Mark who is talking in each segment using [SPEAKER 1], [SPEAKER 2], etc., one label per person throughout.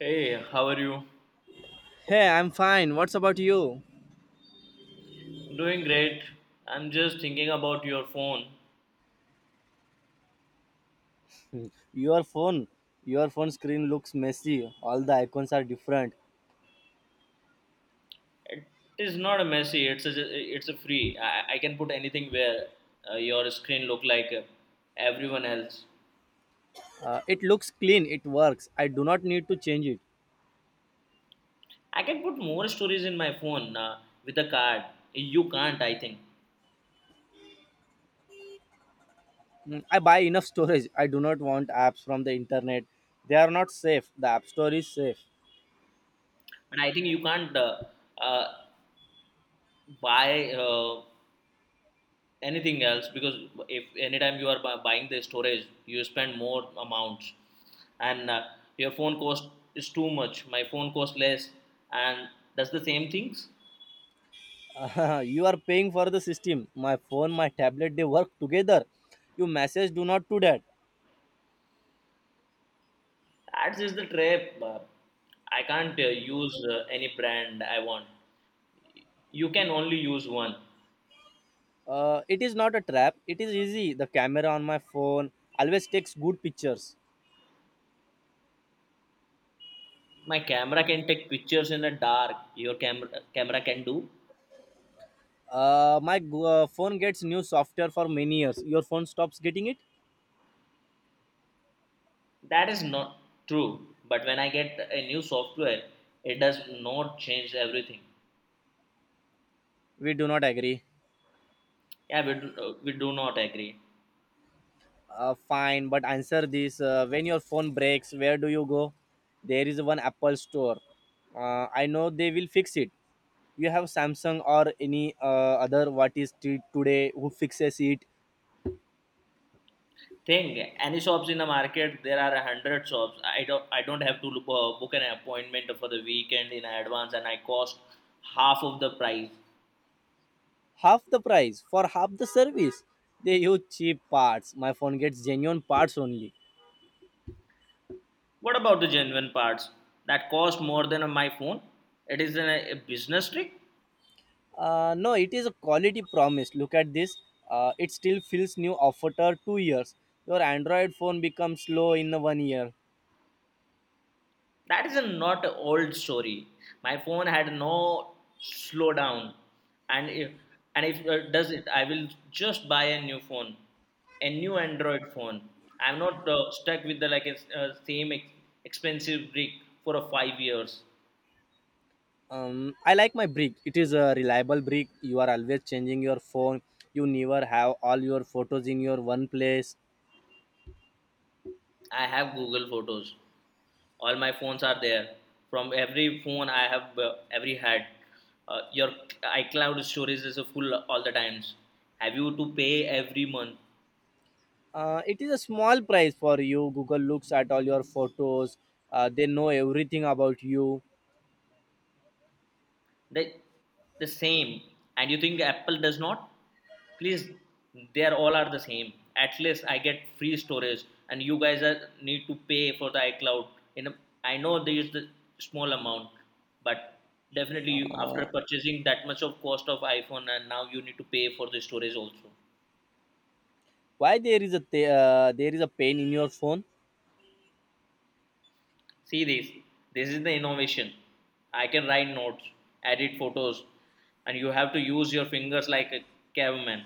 [SPEAKER 1] Hey, how are you?
[SPEAKER 2] Hey, I'm fine. What's about you?
[SPEAKER 1] Doing great. I'm just thinking about your phone.
[SPEAKER 2] your phone your phone screen looks messy. All the icons are different.
[SPEAKER 1] It is not a messy. It's a free. I can put anything where your screen look like everyone else.
[SPEAKER 2] It looks clean. It works. I do not need to change it.
[SPEAKER 1] I can put more stories in my phone with a card. You can't, I think.
[SPEAKER 2] Mm, I buy enough storage. I do not want apps from the internet. They are not safe. The App Store is safe.
[SPEAKER 1] But I think you can't uh, buy. Anything else because if anytime you are buying the storage, you spend more amounts, and your phone cost is too much. My phone cost less and does the same things.
[SPEAKER 2] You are paying for the system. My phone, my tablet, they work together. You message, do not do that.
[SPEAKER 1] That is the trap. I can't use any brand I want. You can only use one.
[SPEAKER 2] It is not a trap, it is easy. The camera on my phone always takes good pictures.
[SPEAKER 1] My camera can take pictures in the dark. Your camera can do.
[SPEAKER 2] My phone gets new software for many years. Your phone stops getting it?
[SPEAKER 1] That is not true, but when I get a new software, it does not change everything.
[SPEAKER 2] We do not agree.
[SPEAKER 1] Yeah, we do not agree.
[SPEAKER 2] Fine, but answer this. When your phone breaks, where do you go? There is one Apple store. I know they will fix it. You have Samsung or any other, what is today who fixes it?
[SPEAKER 1] Thing. Any shops in the market, there are 100 shops. I don't have to look, book an appointment for the weekend in advance, and I cost half of the price.
[SPEAKER 2] Half the price for half the service. They use cheap parts. My phone gets genuine parts only.
[SPEAKER 1] What about the genuine parts that cost more than my phone? It is a business trick.
[SPEAKER 2] No, it is a quality promise. Look at this. It still feels new after 2 years. Your Android phone becomes slow in 1 year.
[SPEAKER 1] That is a not a old story. My phone had no slowdown, and if does it, I will just buy a new phone, a new Android phone. I'm not stuck with the like a same expensive brick for a 5 years.
[SPEAKER 2] I like my brick. It is a reliable brick. You are always changing your phone. You never have all your photos in your one place.
[SPEAKER 1] I have Google Photos. All my phones are there. From every phone I have, every had. Your iCloud storage is full all the times. Have you to pay every month?
[SPEAKER 2] It is a small price for you. Google looks at all your photos. They know everything about you.
[SPEAKER 1] the the same. And you think Apple does not? Please, they are all are the same. At least I get free storage, and you guys need to pay for the iCloud in a, I know there is the small amount, but definitely after purchasing that much of cost of iPhone, and now you need to pay for the storage also.
[SPEAKER 2] Why there is a there is a pain in your phone?
[SPEAKER 1] See this. This is the innovation. I can write notes, edit photos, and you have to use your fingers like a caveman.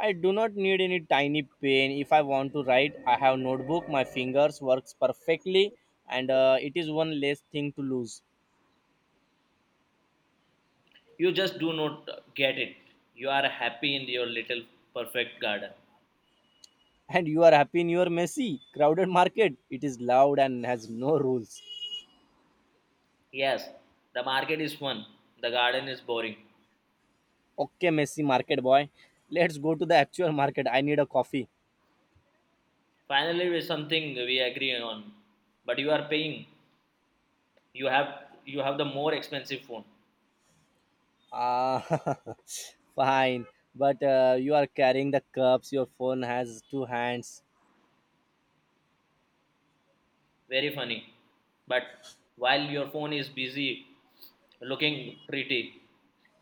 [SPEAKER 2] I do not need any tiny pen. If I want to write, I have notebook. My fingers works perfectly, and it is one less thing to lose.
[SPEAKER 1] You just do not get it. You are happy in your little perfect garden.
[SPEAKER 2] And you are happy in your messy, crowded market. It is loud and has no rules.
[SPEAKER 1] Yes, the market is fun, the garden is boring.
[SPEAKER 2] Okay, messy market boy. Let's go to the actual market. I need a coffee.
[SPEAKER 1] Finally, with something we agree on, but you are paying. You have you have the more expensive phone.
[SPEAKER 2] Ah, fine. But you are carrying the cups. Your phone has two hands.
[SPEAKER 1] Very funny, but while your phone is busy looking pretty,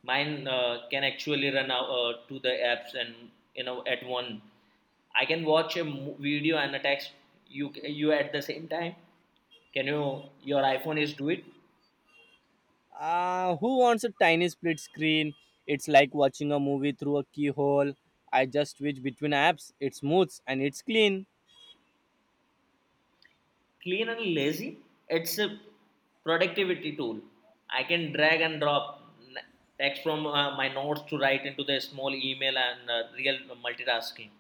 [SPEAKER 1] mine can actually run out to the apps and you know at one. I can watch a video and a text you you at the same time. Your iPhone is do it?
[SPEAKER 2] Who wants a tiny split screen? It's like watching a movie through a keyhole. I just switch between apps. It's smooth and it's clean.
[SPEAKER 1] Clean and lazy. It's a productivity tool. I can drag and drop text from my notes to write into the small email, and real multitasking.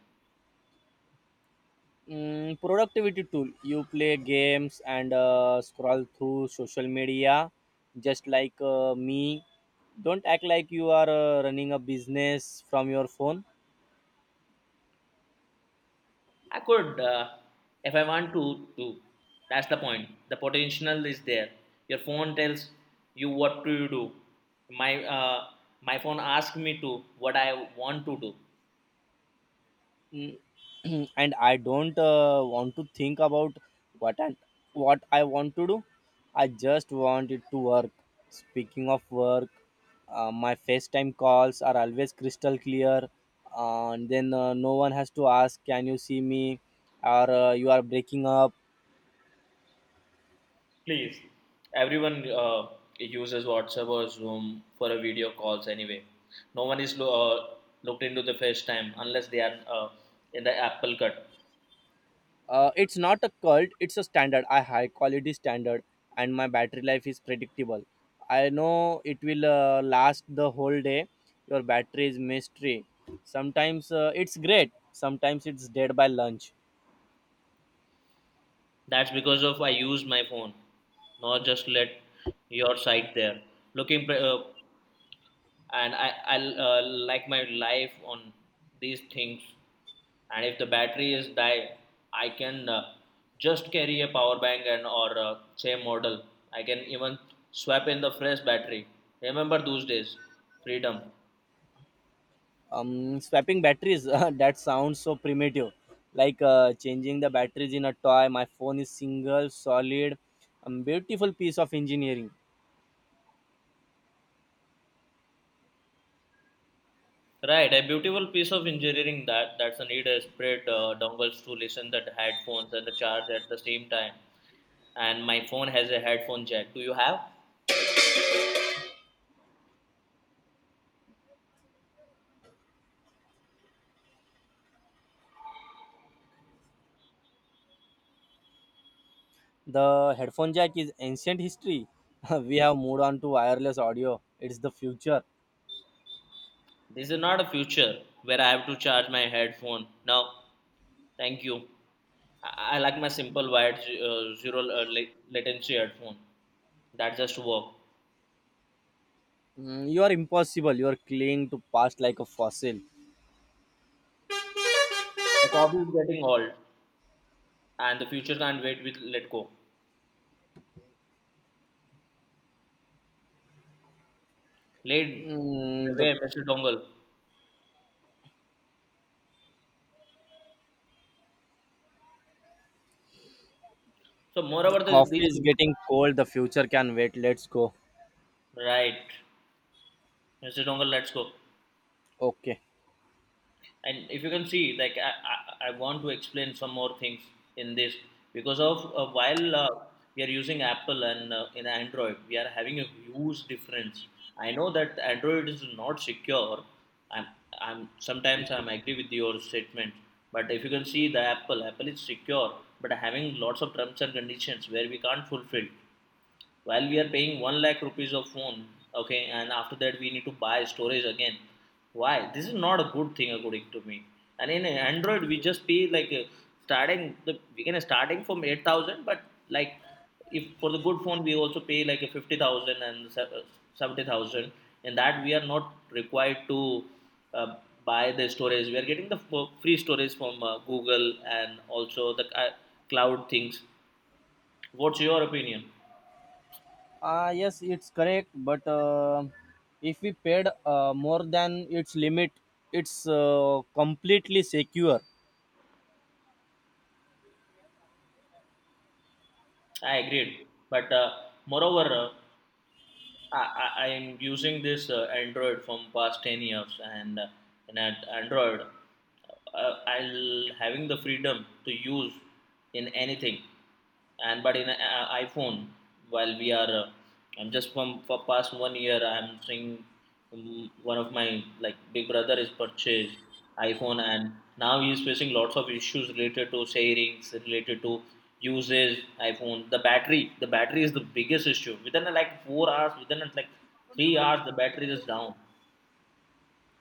[SPEAKER 2] Mm, productivity tool. You play games and scroll through social media, just like me. Don't act like you are running a business from your phone.
[SPEAKER 1] I could, if I want to, do. That's the point. The potential is there. Your phone tells you what to do. My uh, my phone asks me to what I want to do.
[SPEAKER 2] Mm, and I don't want to think about what and what I want to do. I just want it to work. Speaking of work, my FaceTime calls are always crystal clear, and then no one has to ask, "Can you see me?" or "You are breaking up."
[SPEAKER 1] Please, everyone uses WhatsApp or Zoom for a video calls anyway. No one is looked into the FaceTime unless they are in the Apple cut.
[SPEAKER 2] It's not a cult, it's a standard, a high quality standard. And my battery life is predictable. I know it will last the whole day. Your battery is mystery. Sometimes it's great, sometimes it's dead by lunch.
[SPEAKER 1] That's because of I use my phone, not just let your site there. Looking, and I like my life on these things, and if the battery is die, I can just carry a power bank, and or same model, I can even swap in the fresh battery. Remember those days? Freedom.
[SPEAKER 2] Um, swapping batteries, that sounds so primitive, like changing the batteries in a toy. My phone is single, solid, beautiful piece of engineering.
[SPEAKER 1] Right, a beautiful piece of engineering that's a need a spread dongles to listen that headphones and the charge at the same time. And my phone has a headphone jack, do you have?
[SPEAKER 2] The headphone jack is ancient history. We have moved on to wireless audio. It's the future.
[SPEAKER 1] This is not a future where I have to charge my headphone. No, thank you. I like my simple wired, zero latency headphone that just work.
[SPEAKER 2] Mm, you are impossible. You are clinging to past like a fossil.
[SPEAKER 1] The coffee is getting old, and the future can't wait with let go. Lead the
[SPEAKER 2] Mm, the
[SPEAKER 1] way, Mr. Dongle. So,
[SPEAKER 2] the
[SPEAKER 1] moreover,
[SPEAKER 2] coffee
[SPEAKER 1] these
[SPEAKER 2] is
[SPEAKER 1] things.
[SPEAKER 2] getting cold. The future can wait. Let's go.
[SPEAKER 1] Right, Mr. Dongle, let's go.
[SPEAKER 2] Okay.
[SPEAKER 1] And if you can see like I want to explain some more things in this, because of while we are using Apple, and in Android we are having a huge difference. I know that Android is not secure. I'm i'm sometimes I'm agree with your statement, but if you can see, the Apple is secure, but having lots of terms and conditions where we can't fulfill while we are paying 1 lakh rupees of phone. Okay, and after that we need to buy storage again. Why this is not a good thing according to me? And in Android we just pay like starting the we can starting from 8,000, but like if for the good phone we also pay like a 50,000 and 70,000. In that we are not required to uh, buy the storage. We are getting the free storage from Google, and also the cloud things. What's your opinion?
[SPEAKER 2] Ah yes, it's correct. But if we paid more than its limit, it's completely secure.
[SPEAKER 1] I agreed, but moreover, I am using this Android from past 10 years, and in at Android, I'll having the freedom to use in anything, and but in iPhone, while I'm just from for past 1 year, I'm seeing, one of my like big brother is purchased iPhone, and now he is facing lots of issues related to sharings, related to uses iPhone. The battery is the biggest issue. Within like 4 hours, within like 3 hours the battery is down.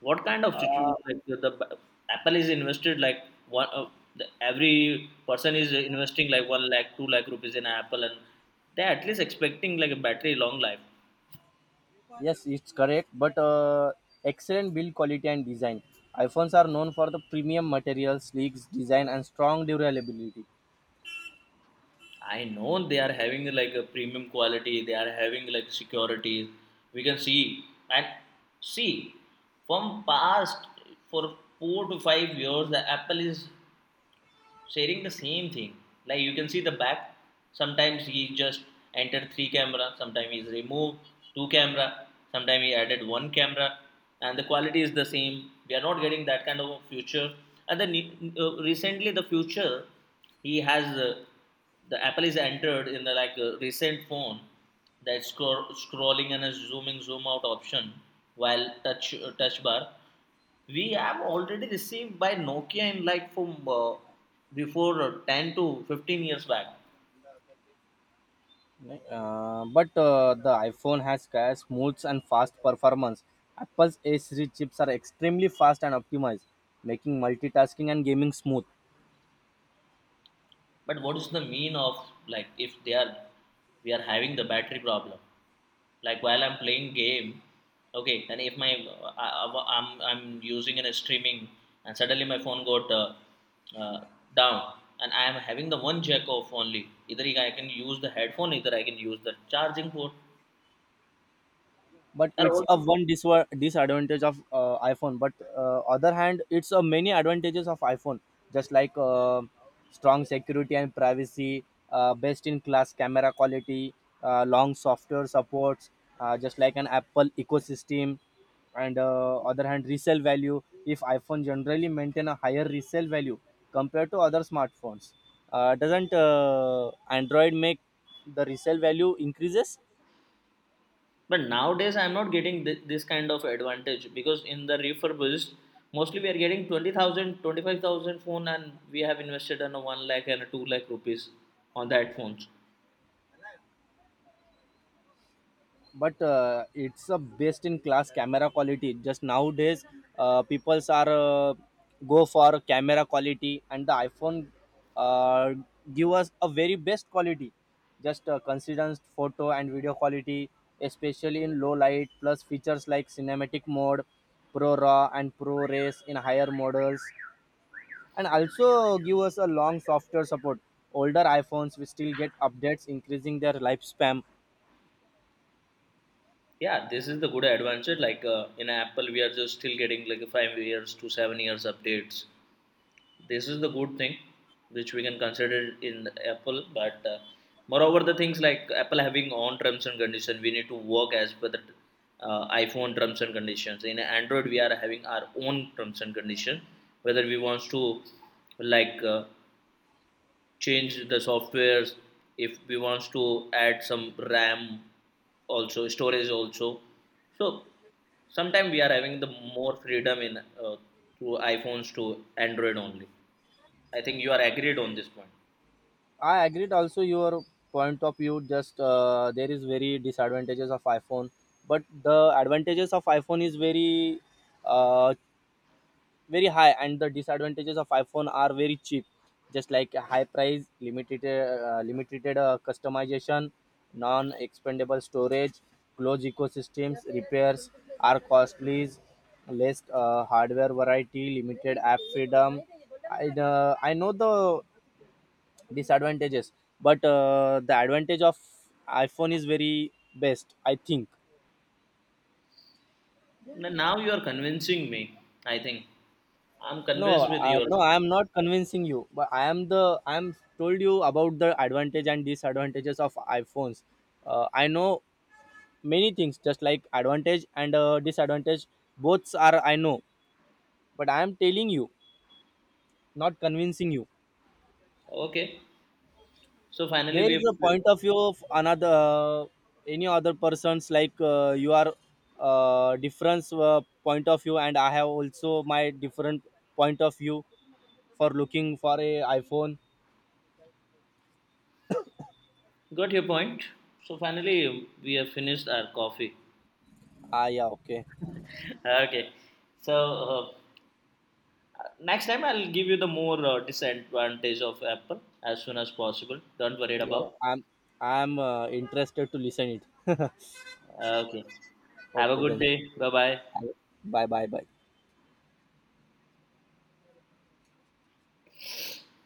[SPEAKER 1] What kind of situation, like Apple is invested like one uh, every person is investing like 1 lakh 2 lakh rupees in Apple, and they're at least expecting like a battery long life.
[SPEAKER 2] Yes, it's correct, but excellent build quality and design. iPhones are known for the premium materials, sleek design, and strong durability.
[SPEAKER 1] I know they are having like a premium quality, they are having like security. We can see and see from past for 4 to 5 years the Apple is sharing the same thing. Like you can see the back. Sometimes he just entered three camera. Sometimes he's removed two camera. Sometimes he added one camera, and the quality is the same. We are not getting that kind of a future. And then recently, the future he has the Apple is entered in the like recent phone that scrolling and a zoom out option, while touch bar we have already received by Nokia in like from before 10 to 15 years back.
[SPEAKER 2] But The iPhone has smooth and fast performance. Apple's A series chips are extremely fast and optimized, making multitasking and gaming smooth.
[SPEAKER 1] But what is the mean of, like if they are we are having the battery problem? Like while I'm playing game, okay, and if my I, am I'm using an streaming, and suddenly my phone got uh, down, and I am having the one jack off only. Either I can use the headphone, either I can use the charging port.
[SPEAKER 2] But
[SPEAKER 1] There are
[SPEAKER 2] it's a
[SPEAKER 1] also,
[SPEAKER 2] one disadvantage of iPhone, but other hand, it's a many advantages of iPhone. Just like strong security and privacy, best in class camera quality, long software supports, just like an Apple ecosystem, and other hand, resale value. If iPhone generally maintain a higher resale value compared to other smartphones. Doesn't Android make the resale value increases?
[SPEAKER 1] but nowadays I'm not getting this kind of advantage, because in the refurbished mostly we are getting 20,000, 25,000 phone, and we have invested on a 1 lakh and a 2 lakh rupees on that phones.
[SPEAKER 2] But it's a best in class camera quality. Just nowadays people are uh, go for camera quality, and the iPhone uh, give us a very best quality. Just considers photo and video quality, especially in low light, plus features like cinematic mode, pro raw and pro race in higher models. And also give us a long software support. Older iPhones will still get updates, increasing their lifespan.
[SPEAKER 1] Yeah, this is the good advantage. Like in Apple we are just still getting like a 5 years to 7 years updates. This is the good thing which we can consider in Apple. But moreover, the things like Apple having own terms and condition, we need to work as per the iPhone terms and conditions. In Android we are having our own terms and condition, whether we wants to like change the softwares, if we wants to add some ram also, storage also. So sometimes we are having the more freedom in through iPhones to Android only. I think you are agreed on this point.
[SPEAKER 2] I agreed also your point of view. Just there is very disadvantages of iPhone, but the advantages of iPhone is very, uh, very high, and the disadvantages of iPhone are very cheap. Just like high price, limited customization, non-expendable storage, closed ecosystems, repairs are costly, less hardware variety, limited app freedom. I know the disadvantages, but the advantage of iPhone is very best, I think.
[SPEAKER 1] Now you are convincing me. I think I'm
[SPEAKER 2] no
[SPEAKER 1] convinced with
[SPEAKER 2] uh,
[SPEAKER 1] your.
[SPEAKER 2] no I am not convincing you, but I am told you about the advantage and disadvantages of iPhones. I know many things, just like advantage and disadvantage, both are I know, but I am telling you, not convincing you.
[SPEAKER 1] Okay. So finally,
[SPEAKER 2] There
[SPEAKER 1] we
[SPEAKER 2] is
[SPEAKER 1] have
[SPEAKER 2] a point of view of another, any other persons. Like you are different point of view, and I have also my different point of view for looking for a iPhone.
[SPEAKER 1] got your point. So finally, we have finished our coffee.
[SPEAKER 2] Ah, yeah, okay.
[SPEAKER 1] Okay. So uh, next time, I'll give you the more disadvantage of Apple as soon as possible. Don't worry
[SPEAKER 2] Yeah,
[SPEAKER 1] about.
[SPEAKER 2] I'm interested to listen it.
[SPEAKER 1] Okay. Have a
[SPEAKER 2] Okay
[SPEAKER 1] good
[SPEAKER 2] then.
[SPEAKER 1] day. Bye bye.
[SPEAKER 2] Bye bye bye.